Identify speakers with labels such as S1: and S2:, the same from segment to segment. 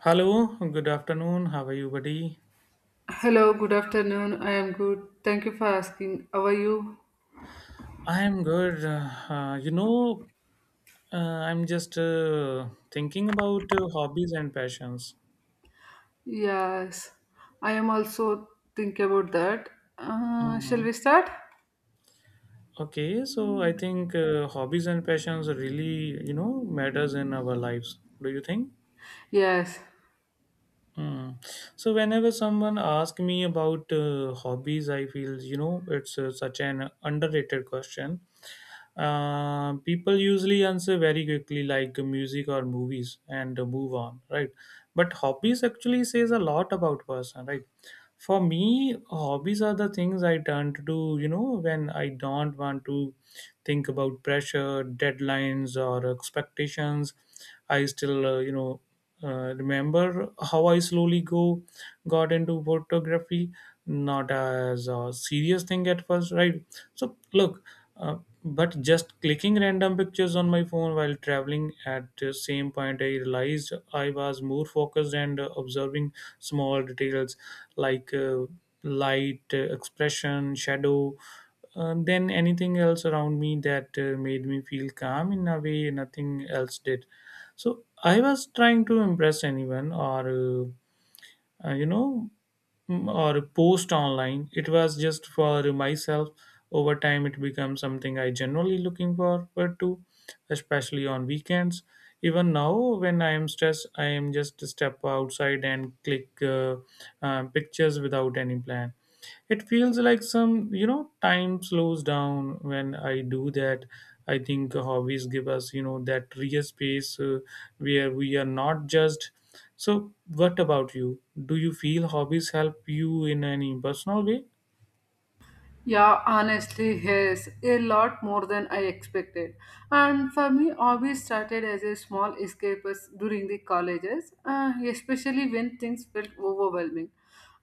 S1: Hello, good afternoon. How are you, buddy?
S2: Hello, good afternoon. I am good. Thank you for asking. How are you?
S1: I'm good. You know, I'm just Thinking about hobbies and passions.
S2: Yes, I am also think about that. Shall
S1: Mhm.
S2: we start?
S1: Okay, so I think hobbies and passions really, matters in our lives. Do you think?
S2: Yes.
S1: Mm. So whenever someone asks me about hobbies, I feel it's such an underrated question. People usually answer very quickly like music or movies and move on, right? But hobbies actually says a lot about person, right? For me, hobbies are the things I turn to do when I don't want to think about pressure, deadlines or expectations. I still remember how I slowly go got into photography, not as a serious thing at first, right? So look, uh, but just clicking random pictures on my phone while traveling. At the same point, I realized I was more focused and observing small details, like light, expression, shadow, than anything else around me. That made me feel calm in a way nothing else did. So I was trying to impress anyone or uh, you know or post online. It was just for myself. Over time, it becomes something I generally looking forward to, especially on weekends. Even now when I am stressed, I am just step outside and click pictures without any plan. It feels like some time slows down when I do that. I think hobbies give us that real space where we are not judged. So what about you? Do you feel hobbies help you in any personal way?
S2: Yeah, honestly, yes, a lot more than I expected. And for me, hobbies started as a small escapes during the colleges, especially when things felt overwhelming.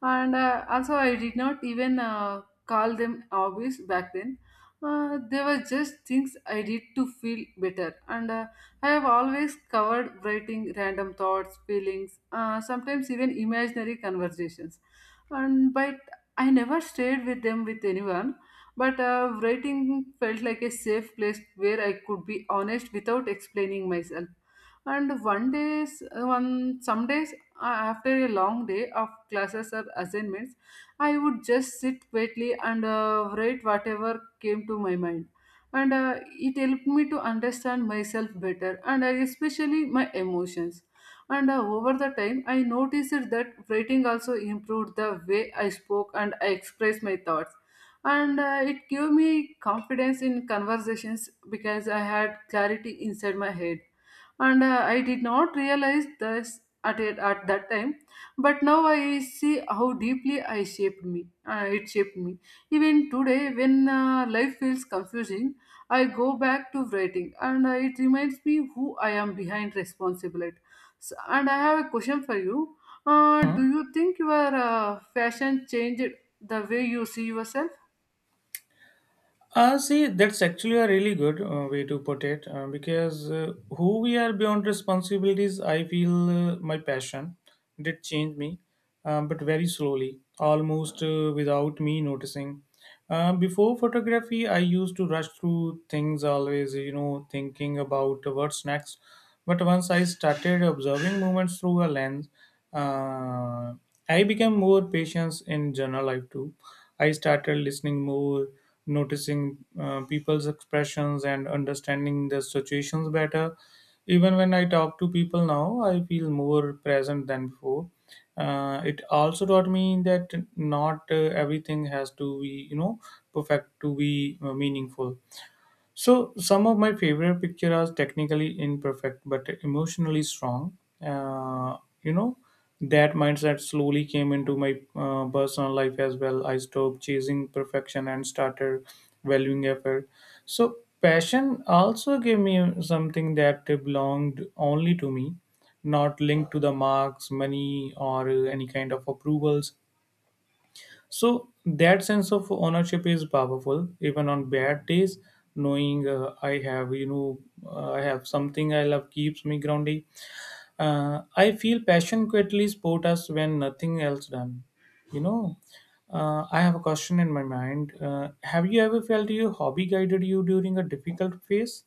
S2: And also, I did not even call them hobbies back then. They were just things I did to feel better. And I have always covered writing random thoughts, feelings, sometimes even imaginary conversations, and by I never stayed with them with anyone, but writing felt like a safe place where I could be honest without explaining myself. And one days, one some days, after a long day of classes or assignments, I would just sit quietly and write whatever came to my mind, and it helped me to understand myself better, and especially my emotions. And over the time, I noticed that writing also improved the way I spoke and I expressed my thoughts, and it gave me confidence in conversations because I had clarity inside my head. And I did not realize this at that time, but now I see how deeply I shaped me, it shaped me. Even today, when life feels confusing, I go back to writing, and it reminds me who I am behind responsibility. S, and I have a question for you. Do you think your fashion changed the way you see yourself?
S1: See, that's actually a really good way to put it, because who we are beyond responsibilities, I feel my passion did change me, but very slowly, almost without me noticing. Before photography, I used to rush through things always, you know, thinking about what's next. But once I started observing movements through a lens, uh, I became more patient in general life too. I started listening more, noticing people's expressions and understanding the situations better. Even when I talk to people now, I feel more present than before. It also taught me that not everything has to be, you know, perfect to be meaningful. So some of my favorite picture are technically imperfect but emotionally strong. Uh, you know that mindset slowly came into my personal life as well. I stopped chasing perfection and started valuing effort. So passion also gave me something that belonged only to me, not linked to the marks, money, or any kind of approvals. So that sense of ownership is powerful, even on bad days. Knowing I have something I love keeps me grounded. I feel passion quietly support us when nothing else done. You know, I have a question in my mind. Have you ever felt your hobby guided you during a difficult phase?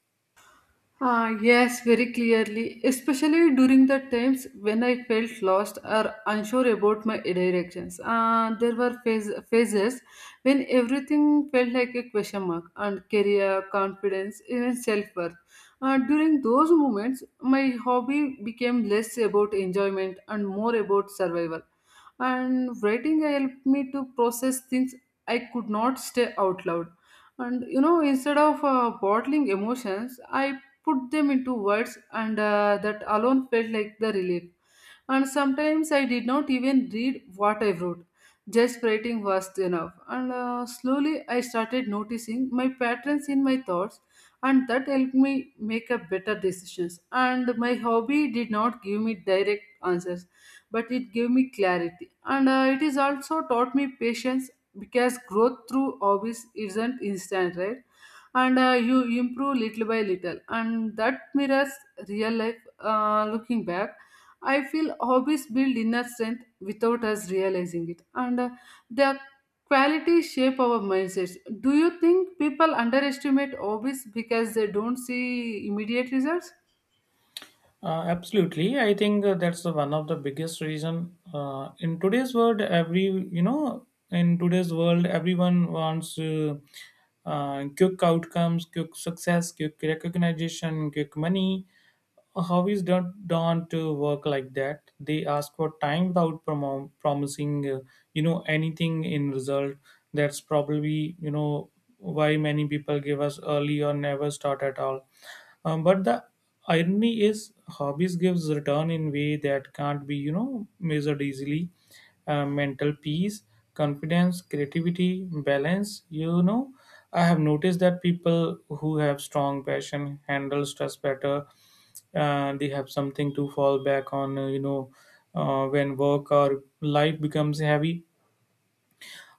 S2: Ah, yes, very clearly, especially during the times when I felt lost or unsure about my directions. There were phases when everything felt like a question mark, and career, confidence, even self worth. During those moments, my hobby became less about enjoyment and more about survival. And writing helped me to process things I could not say out loud, and you know, instead of bottling emotions, I put them into words, and that alone felt like the relief. And sometimes I did not even read what I wrote, just writing was enough. And slowly I started noticing my patterns in my thoughts, and that helped me make a better decisions. And my hobby did not give me direct answers, but it gave me clarity. And it is also taught me patience because growth through hobbies isn't instant, right? And you improve little by little, and that mirrors real life. Looking back, I feel hobbies build inner strength without us realizing it, and their quality shape our mindsets. Do you think people underestimate hobbies because they don't see immediate results?
S1: Absolutely, I think that's the one of the biggest reason in today's world. In today's world, everyone wants quick outcomes, quick success, quick recognition, quick money. How is done to work like that? They ask for time without promising, you know, anything in result. That's probably why many people give us early or never start at all. But the irony is, hobbies gives return in way that can't be measured easily. Mental peace, confidence, creativity, balance. You know, I have noticed that people who have strong passion handle stress better. They have something to fall back on, when work or life becomes heavy.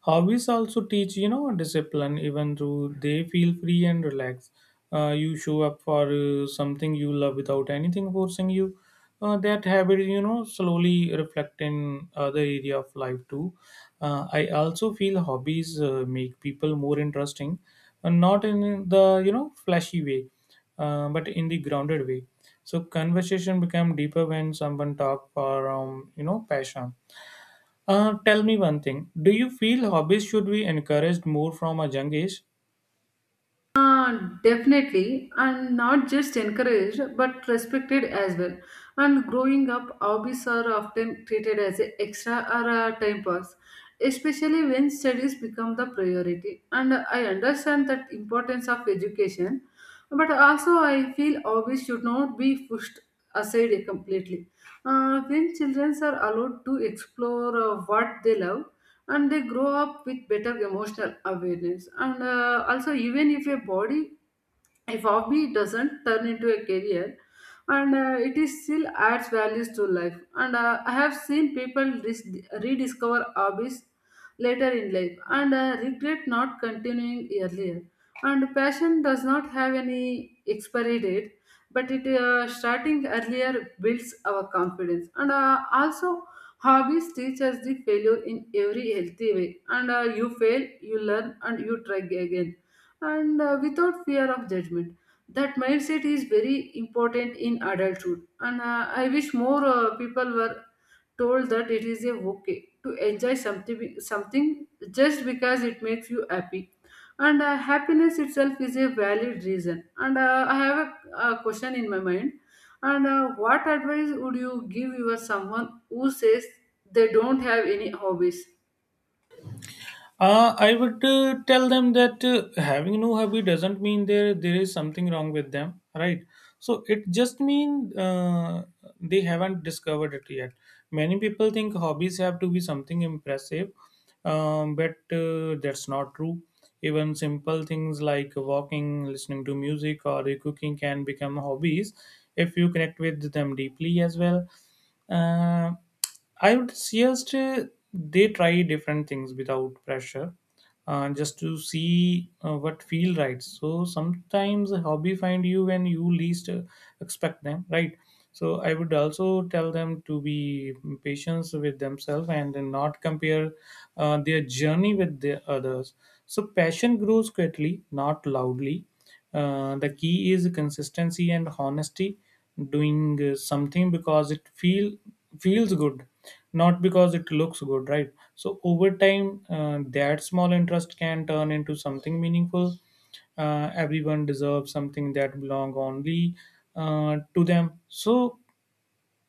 S1: Hobbies also teach, you know, discipline, even though they feel free and relaxed. You show up for something you love without anything forcing you. That habit, you know, slowly reflect in other area of life too. I also feel hobbies make people more interesting, not in the flashy way, but in the grounded way. So conversation become deeper when someone talk for you know passion. Tell me one thing. Do you feel hobbies should be encouraged more from a young age?
S2: Definitely, and not just encouraged but respected as well. And growing up, hobbies are often treated as a extra or a time pass, especially when studies become the priority. And I understand that importance of education, but also, I feel hobbies should not be pushed aside completely. When children are allowed to explore what they love, and they grow up with better emotional awareness, and also, even if a body, if hobby doesn't turn into a career, and it is still adds values to life. And I have seen people rediscover hobbies later in life, and regret not continuing earlier. And passion does not have any expiry date, but it, starting earlier, builds our confidence. And also, hobbies teach us the failure in every healthy way. And you fail, you learn, and you try again. And without fear of judgment. That mindset is very important in adulthood. And I wish more people were told that it is a okay to enjoy something just because it makes you happy, and happiness itself is a valid reason. And I have a question in my mind, and what advice would you give your someone who says they don't have any hobbies?
S1: I would tell them that having no hobby doesn't mean there is something wrong with them, right? So it just means they haven't discovered it yet. Many people think hobbies have to be something impressive, but that's not true. Even simple things like walking, listening to music, or cooking can become hobbies if you connect with them deeply as well. Uh, I would suggest they try different things without pressure, just to see what feel right. So sometimes a hobby find you when you least expect them, right? So I would also tell them to be patient with themselves and not compare their journey with the others. So passion grows quietly, not loudly. The key is consistency and honesty, doing something because it feel feels good, not because it looks good, right? So over time, that small interest can turn into something meaningful. Everyone deserves something that belong only to them. So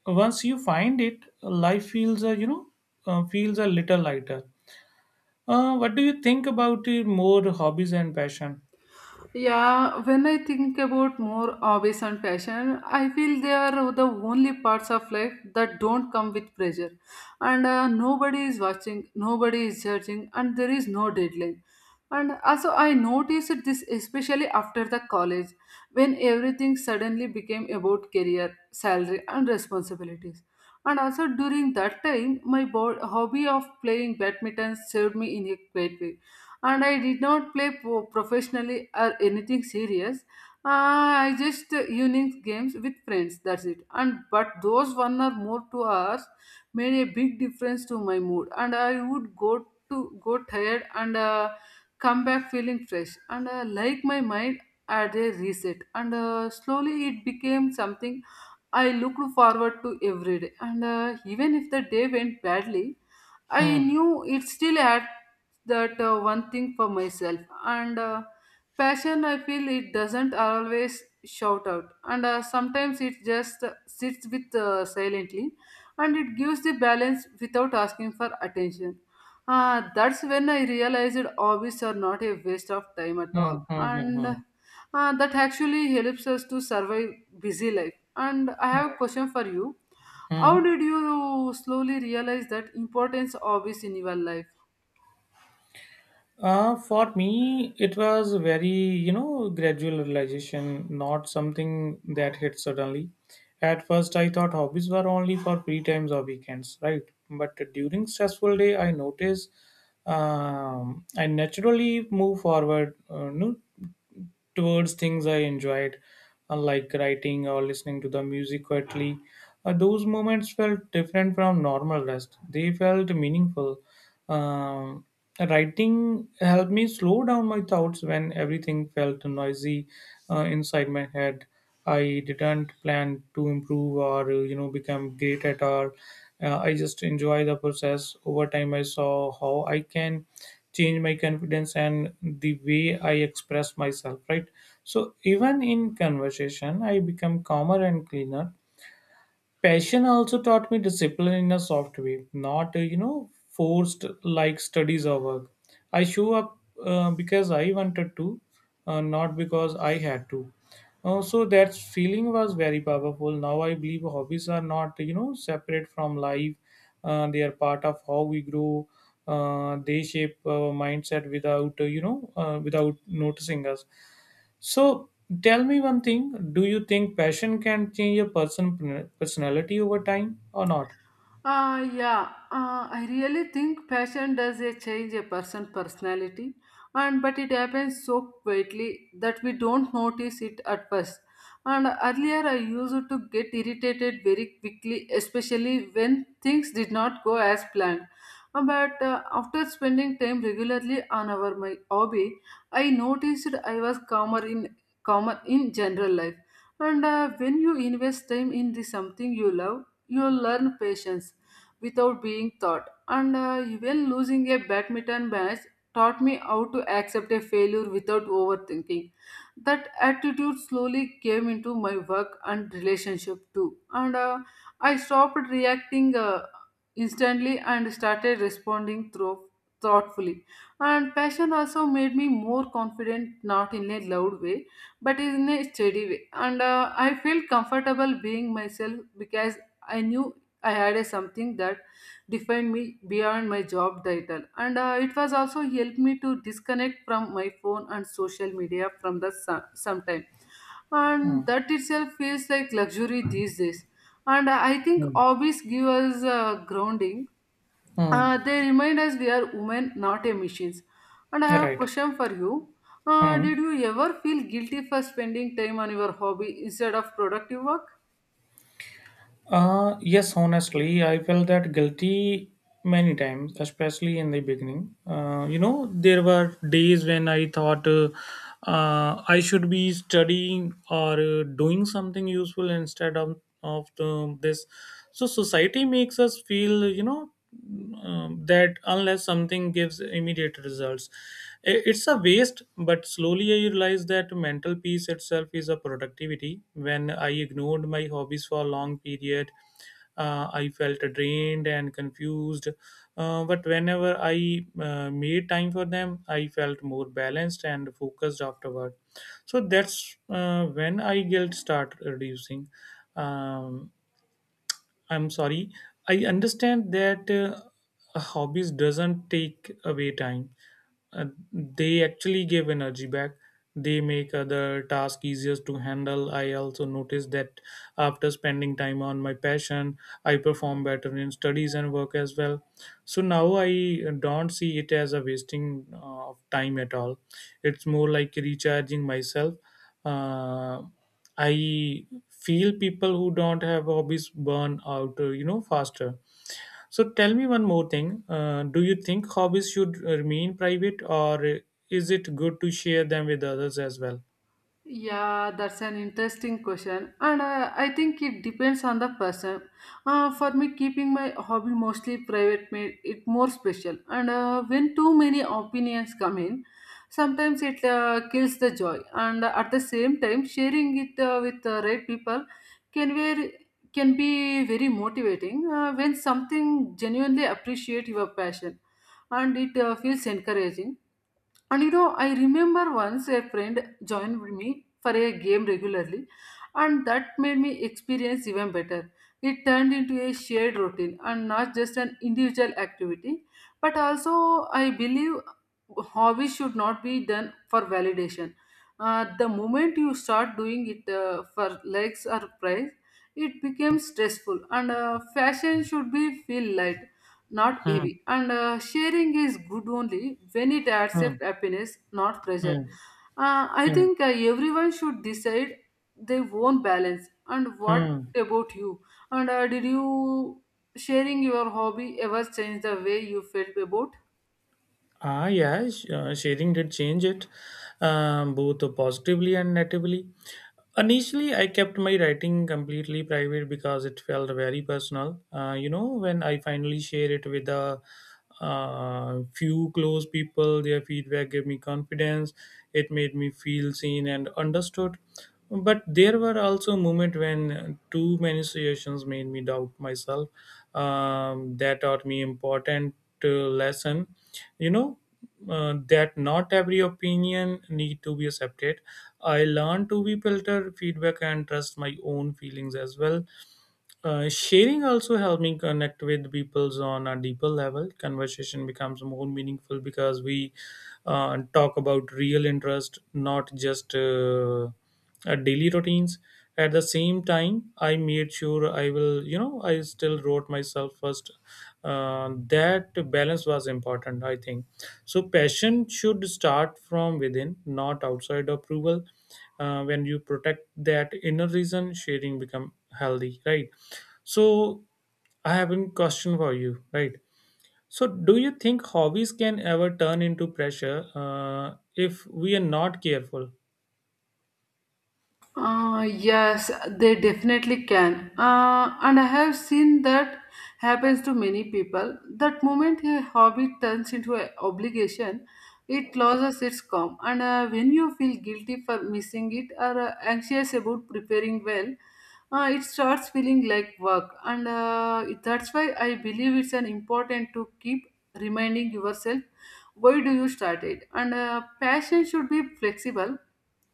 S1: once you find it, life feels feels a little lighter. What do you think about more hobbies and passion?
S2: Yeah, when I think about more hobbies and passion, I feel they are the only parts of life that don't come with pressure. And nobody is watching, nobody is judging, and there is no deadline. And also, I noticed this especially after the college, when everything suddenly became about career, salary, and responsibilities. And also during that time, my hobby of playing badminton served me in a great way, and I did not play professionally or anything serious. I just evening games with friends. That's it. And but those one or more 2 hours made a big difference to my mood, and I would go tired, and come back feeling fresh, and like my mind had a reset. And slowly it became something I looked forward to every day. And even if the day went badly, I
S1: Hmm.
S2: knew it still had that one thing for myself, and passion. I feel it doesn't always shout out, and sometimes it just sits with silently, and it gives the balance without asking for attention. That's when I realized hobbies are not a waste of time at
S1: Hmm,
S2: all,
S1: hmm, hmm,
S2: and
S1: hmm.
S2: uh, that actually helps us to survive busy life. And I have a question for you. How
S1: Hmm.
S2: did you slowly realize that importance of this in your life?
S1: For me, it was very, you know, gradual realization, not something that hit suddenly. At first, I thought hobbies were only for free times or weekends, right? But during stressful day, I noticed I naturally move forward, no, towards things I enjoyed, like writing or listening to the music quietly. Those moments felt different from normal rest. They felt meaningful. Um, Writing helped me slow down my thoughts when everything felt noisy inside my head. I didn't plan to improve or become great at all. I just enjoy the process. Over time, I saw how I can change my confidence and the way I express myself. Right. So even in conversation, I become calmer and cleaner. Passion also taught me discipline in a soft way, not, forced like studies or work. I show up because I wanted to, not because I had to. So that feeling was very powerful. Now I believe hobbies are not, you know, separate from life. They are part of how we grow. They shape our mindset without, without noticing us. So tell me one thing, do you think passion can change a person personality over time or not?
S2: Yeah, I really think passion does a change a person's personality, and but it happens so quietly that we don't notice it at first. And earlier, I used to get irritated very quickly, especially when things did not go as planned. But after spending time regularly on our my hobby, I noticed I was calmer in general life. And when you invest time in the something you love, you learn patience without being taught. And even losing a badminton match taught me how to accept a failure without overthinking. That attitude slowly came into my work and relationship too. And I stopped reacting instantly and started responding through thoughtfully, and passion also made me more confident, not in a loud way but in a steady way, and I felt comfortable being myself because I knew I had a something that defined me beyond my job title, and it was also helped me to disconnect from my phone and social media from the sometime, and
S1: Hmm.
S2: that itself feels like luxury these days. And I think
S1: Hmm.
S2: hobbies give us grounding.
S1: Hmm.
S2: They remind us we are women, not a machines. And I have a
S1: Right.
S2: question for you.
S1: Hmm.
S2: Did you ever feel guilty for spending time on your hobby instead of productive work?
S1: Yes, honestly, I felt that guilty many times, especially in the beginning. You know, there were days when I thought I should be studying or doing something useful instead of this. So, society makes us feel, you know, that unless something gives immediate results it's a waste, but slowly I realized that mental peace itself is a productivity. When I ignored my hobbies for a long period, I felt drained and confused. But whenever I made time for them, I felt more balanced and focused afterward. So that's when I guilt start reducing. Um, I'm sorry. I understand that hobbies doesn't take away time. Uh, they actually give energy back. They make other tasks easier to handle. I also noticed that after spending time on my passion, I perform better in studies and work as well. So now I don't see it as a wasting of time at all. It's more like recharging myself. Uh, I feel people who don't have hobbies burn out, you know, faster. So tell me one more thing. Do you think hobbies should remain private, or is it good to share them with others as well?
S2: Yeah, that's an interesting question, and I think it depends on the person. For me, keeping my hobby mostly private made it more special, and when too many opinions come in, sometimes it kills the joy. And at the same time, sharing it with the right people can very can be very motivating when something genuinely appreciate your passion, and it feels encouraging. And you know, I remember once a friend joined with me for a game regularly, and that made me experience even better. It turned into a shared routine and not just an individual activity, but also I believe hobbies should not be done for validation. The moment you start doing it for likes or prize, it becomes stressful, and fashion should be feel light, not
S1: Hmm.
S2: heavy. And sharing is good only when it adds up
S1: Hmm.
S2: happiness, not
S1: Hmm.
S2: pressure. I
S1: Hmm.
S2: think everyone should decide their own balance. And what
S1: Hmm.
S2: about you? And did you sharing your hobby ever change the way you felt about?
S1: Ah, yeah, sharing did change it, both positively and negatively. Initially, I kept my writing completely private because it felt very personal. You know, when I finally share it with a few close people, their feedback gave me confidence. It made me feel seen and understood. But there were also moments when too many situations made me doubt myself. That taught me important lesson, you know that not every opinion need to be accepted. I learned to be filter feedback and trust my own feelings as well. Sharing also helped me connect with people on a deeper level. Conversation becomes more meaningful because we talk about real interest, not just daily routines. At the same time, I made sure I will, you know, I still wrote myself first. That balance was important, I think. So, passion should start from within, not outside approval. When you protect that inner reason, sharing become healthy, right? So I have a question for you, right? So do you think hobbies can ever turn into pressure if we are not careful?
S2: Yes, they definitely can. And I have seen that happens to many people. That moment a hobby turns into an obligation, it loses its calm. And when you feel guilty for missing it or anxious about preparing well, it starts feeling like work. And that's why I believe it's an important to keep reminding yourself why do you start it. And passion should be flexible,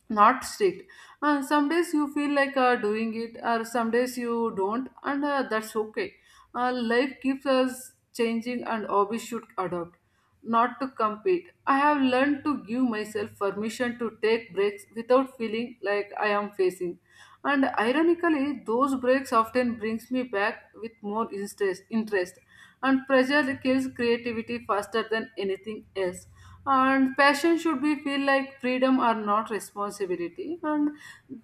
S2: not strict, and some days you feel like doing it or some days you don't, and that's okay. Life keeps us changing, and hobbies should adopt, not to compete. I have learned to give myself permission to take breaks without feeling like I am facing, and ironically those breaks often brings me back with more interest, and pressure kills creativity faster than anything else, and passion should be feel like freedom, or not responsibility, and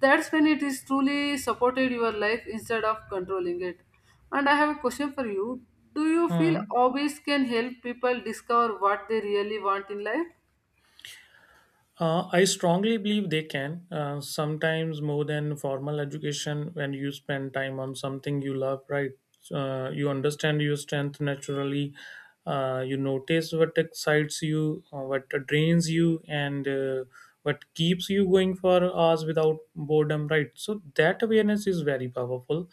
S2: that's when it is truly supported your life instead of controlling it. And I have a question for you. Do you feel
S1: Hmm.
S2: hobbies can help people discover what they really want in life?
S1: I strongly believe they can, sometimes more than formal education when you spend time on something you love, right? You understand your strength naturally. You notice what excites you, what drains you, and what keeps you going for hours without boredom, right? So that awareness is very powerful.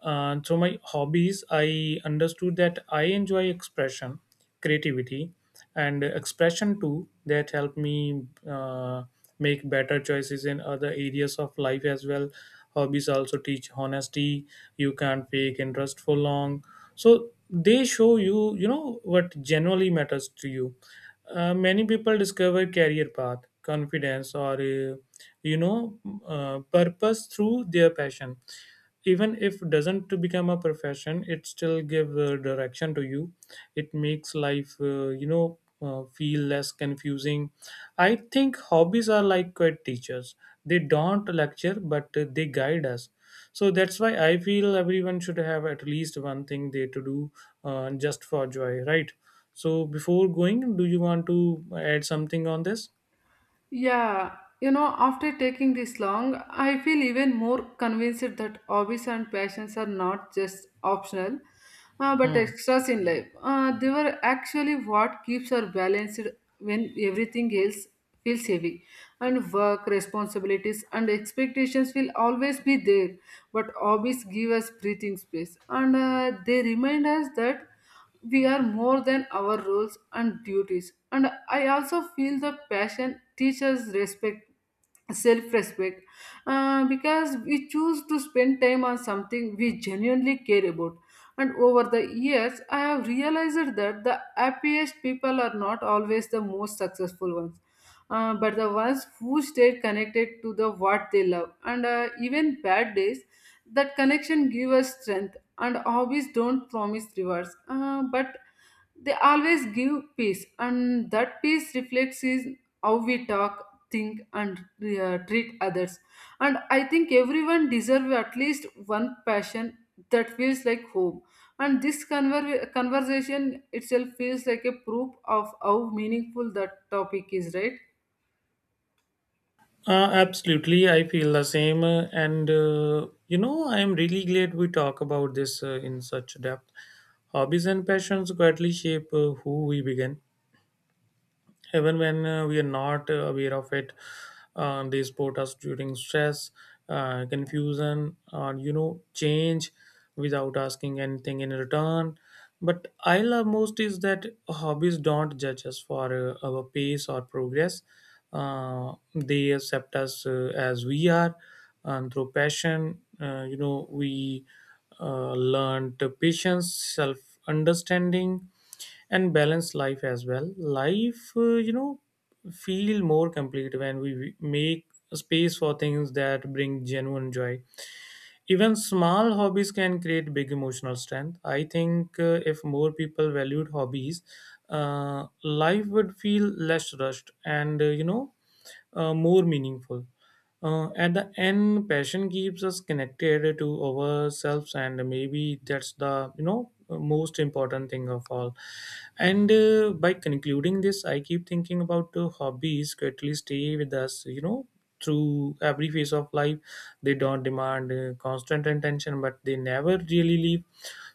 S1: Through my hobbies, I understood that I enjoy expression, creativity, and expression too. That help me uh, make better choices in other areas of life as well. Hobbies also teach honesty. You can't fake interest for long. So they show you you know what genuinely matters to you. Many people discover career path, confidence, or you know purpose through their passion. Even if doesn't to become a profession, it still give direction to you. It makes life, feel less confusing. I think hobbies are like quiet teachers. They don't lecture, but they guide us. So that's why I feel everyone should have at least one thing they to do, just for joy, right? So before going, do you want to add something on this?
S2: Yeah, you know, after taking this long, I feel even more convinced that hobbies and passions are not just optional, but
S1: Hmm.
S2: extras in life. They were actually what keeps us balanced when everything else feels heavy. And work, responsibilities, and expectations will always be there, but hobbies give us breathing space, and they remind us that we are more than our roles and duties. And I also feel the passion teaches respect, self-respect, because we choose to spend time on something we genuinely care about. And over the years, I have realized that the happiest people are not always the most successful ones, but the ones who stayed connected to the what they love, and even bad days, that connection give us strength. And hobbies don't promise rewards, but they always give peace, and that peace reflects is how we talk, think, and treat others. And I think everyone deserves at least one passion that feels like home. And this conversation itself feels like a proof of how meaningful that topic is, right?
S1: Absolutely, I feel the same, I am really glad we talk about this in such depth. Hobbies and passions greatly shape who we become, even when we are not aware of it. They support us during stress, confusion, or change, without asking anything in return. But I love most is that hobbies don't judge us for our pace or progress. They accept us as we are. And through passion, we learned patience, self understanding, and balance life as well. Life, feel more complete when we make space for things that bring genuine joy. Even small hobbies can create big emotional strength. I think if more people valued hobbies, uh, life would feel less rushed and, more meaningful. At the end, passion keeps us connected to ourselves, and maybe that's the most important thing of all. And by concluding this, I keep thinking about hobbies quickly stay with us. You know, through every phase of life, they don't demand constant attention, but they never really leave.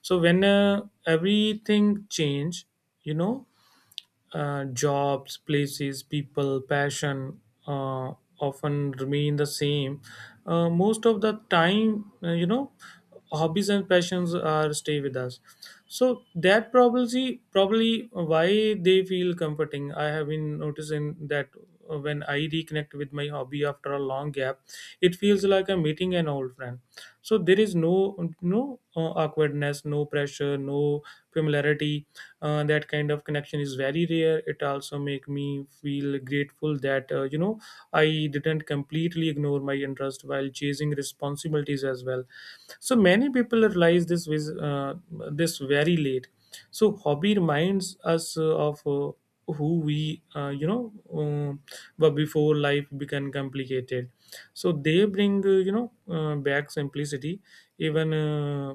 S1: So when everything change, you know jobs, places, people, passion uh, often remain the same. Most of the time, hobbies and passions are stay with us. So that probably why they feel comforting. I have been noticing that when I reconnect with my hobby after a long gap, it feels like I'm meeting an old friend. So there is no awkwardness, no pressure, no familiarity. That kind of connection is very rare. It also make me feel grateful that, I didn't completely ignore my interest while chasing responsibilities as well. So many people realize this with this very late. So hobby reminds us of who we were before life became complicated. So they bring, back simplicity. Even, uh,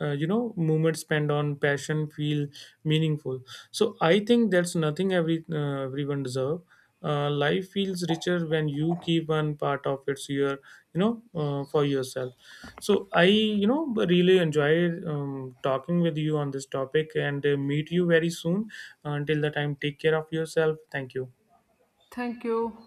S1: uh, you know moment spent on passion feel meaningful. So I think that's nothing every, everyone deserve. Life feels richer when you keep one part of it's your, for yourself. So I, really enjoy talking with you on this topic, and meet you very soon. Until the time, take care of yourself. Thank you.
S2: Thank you.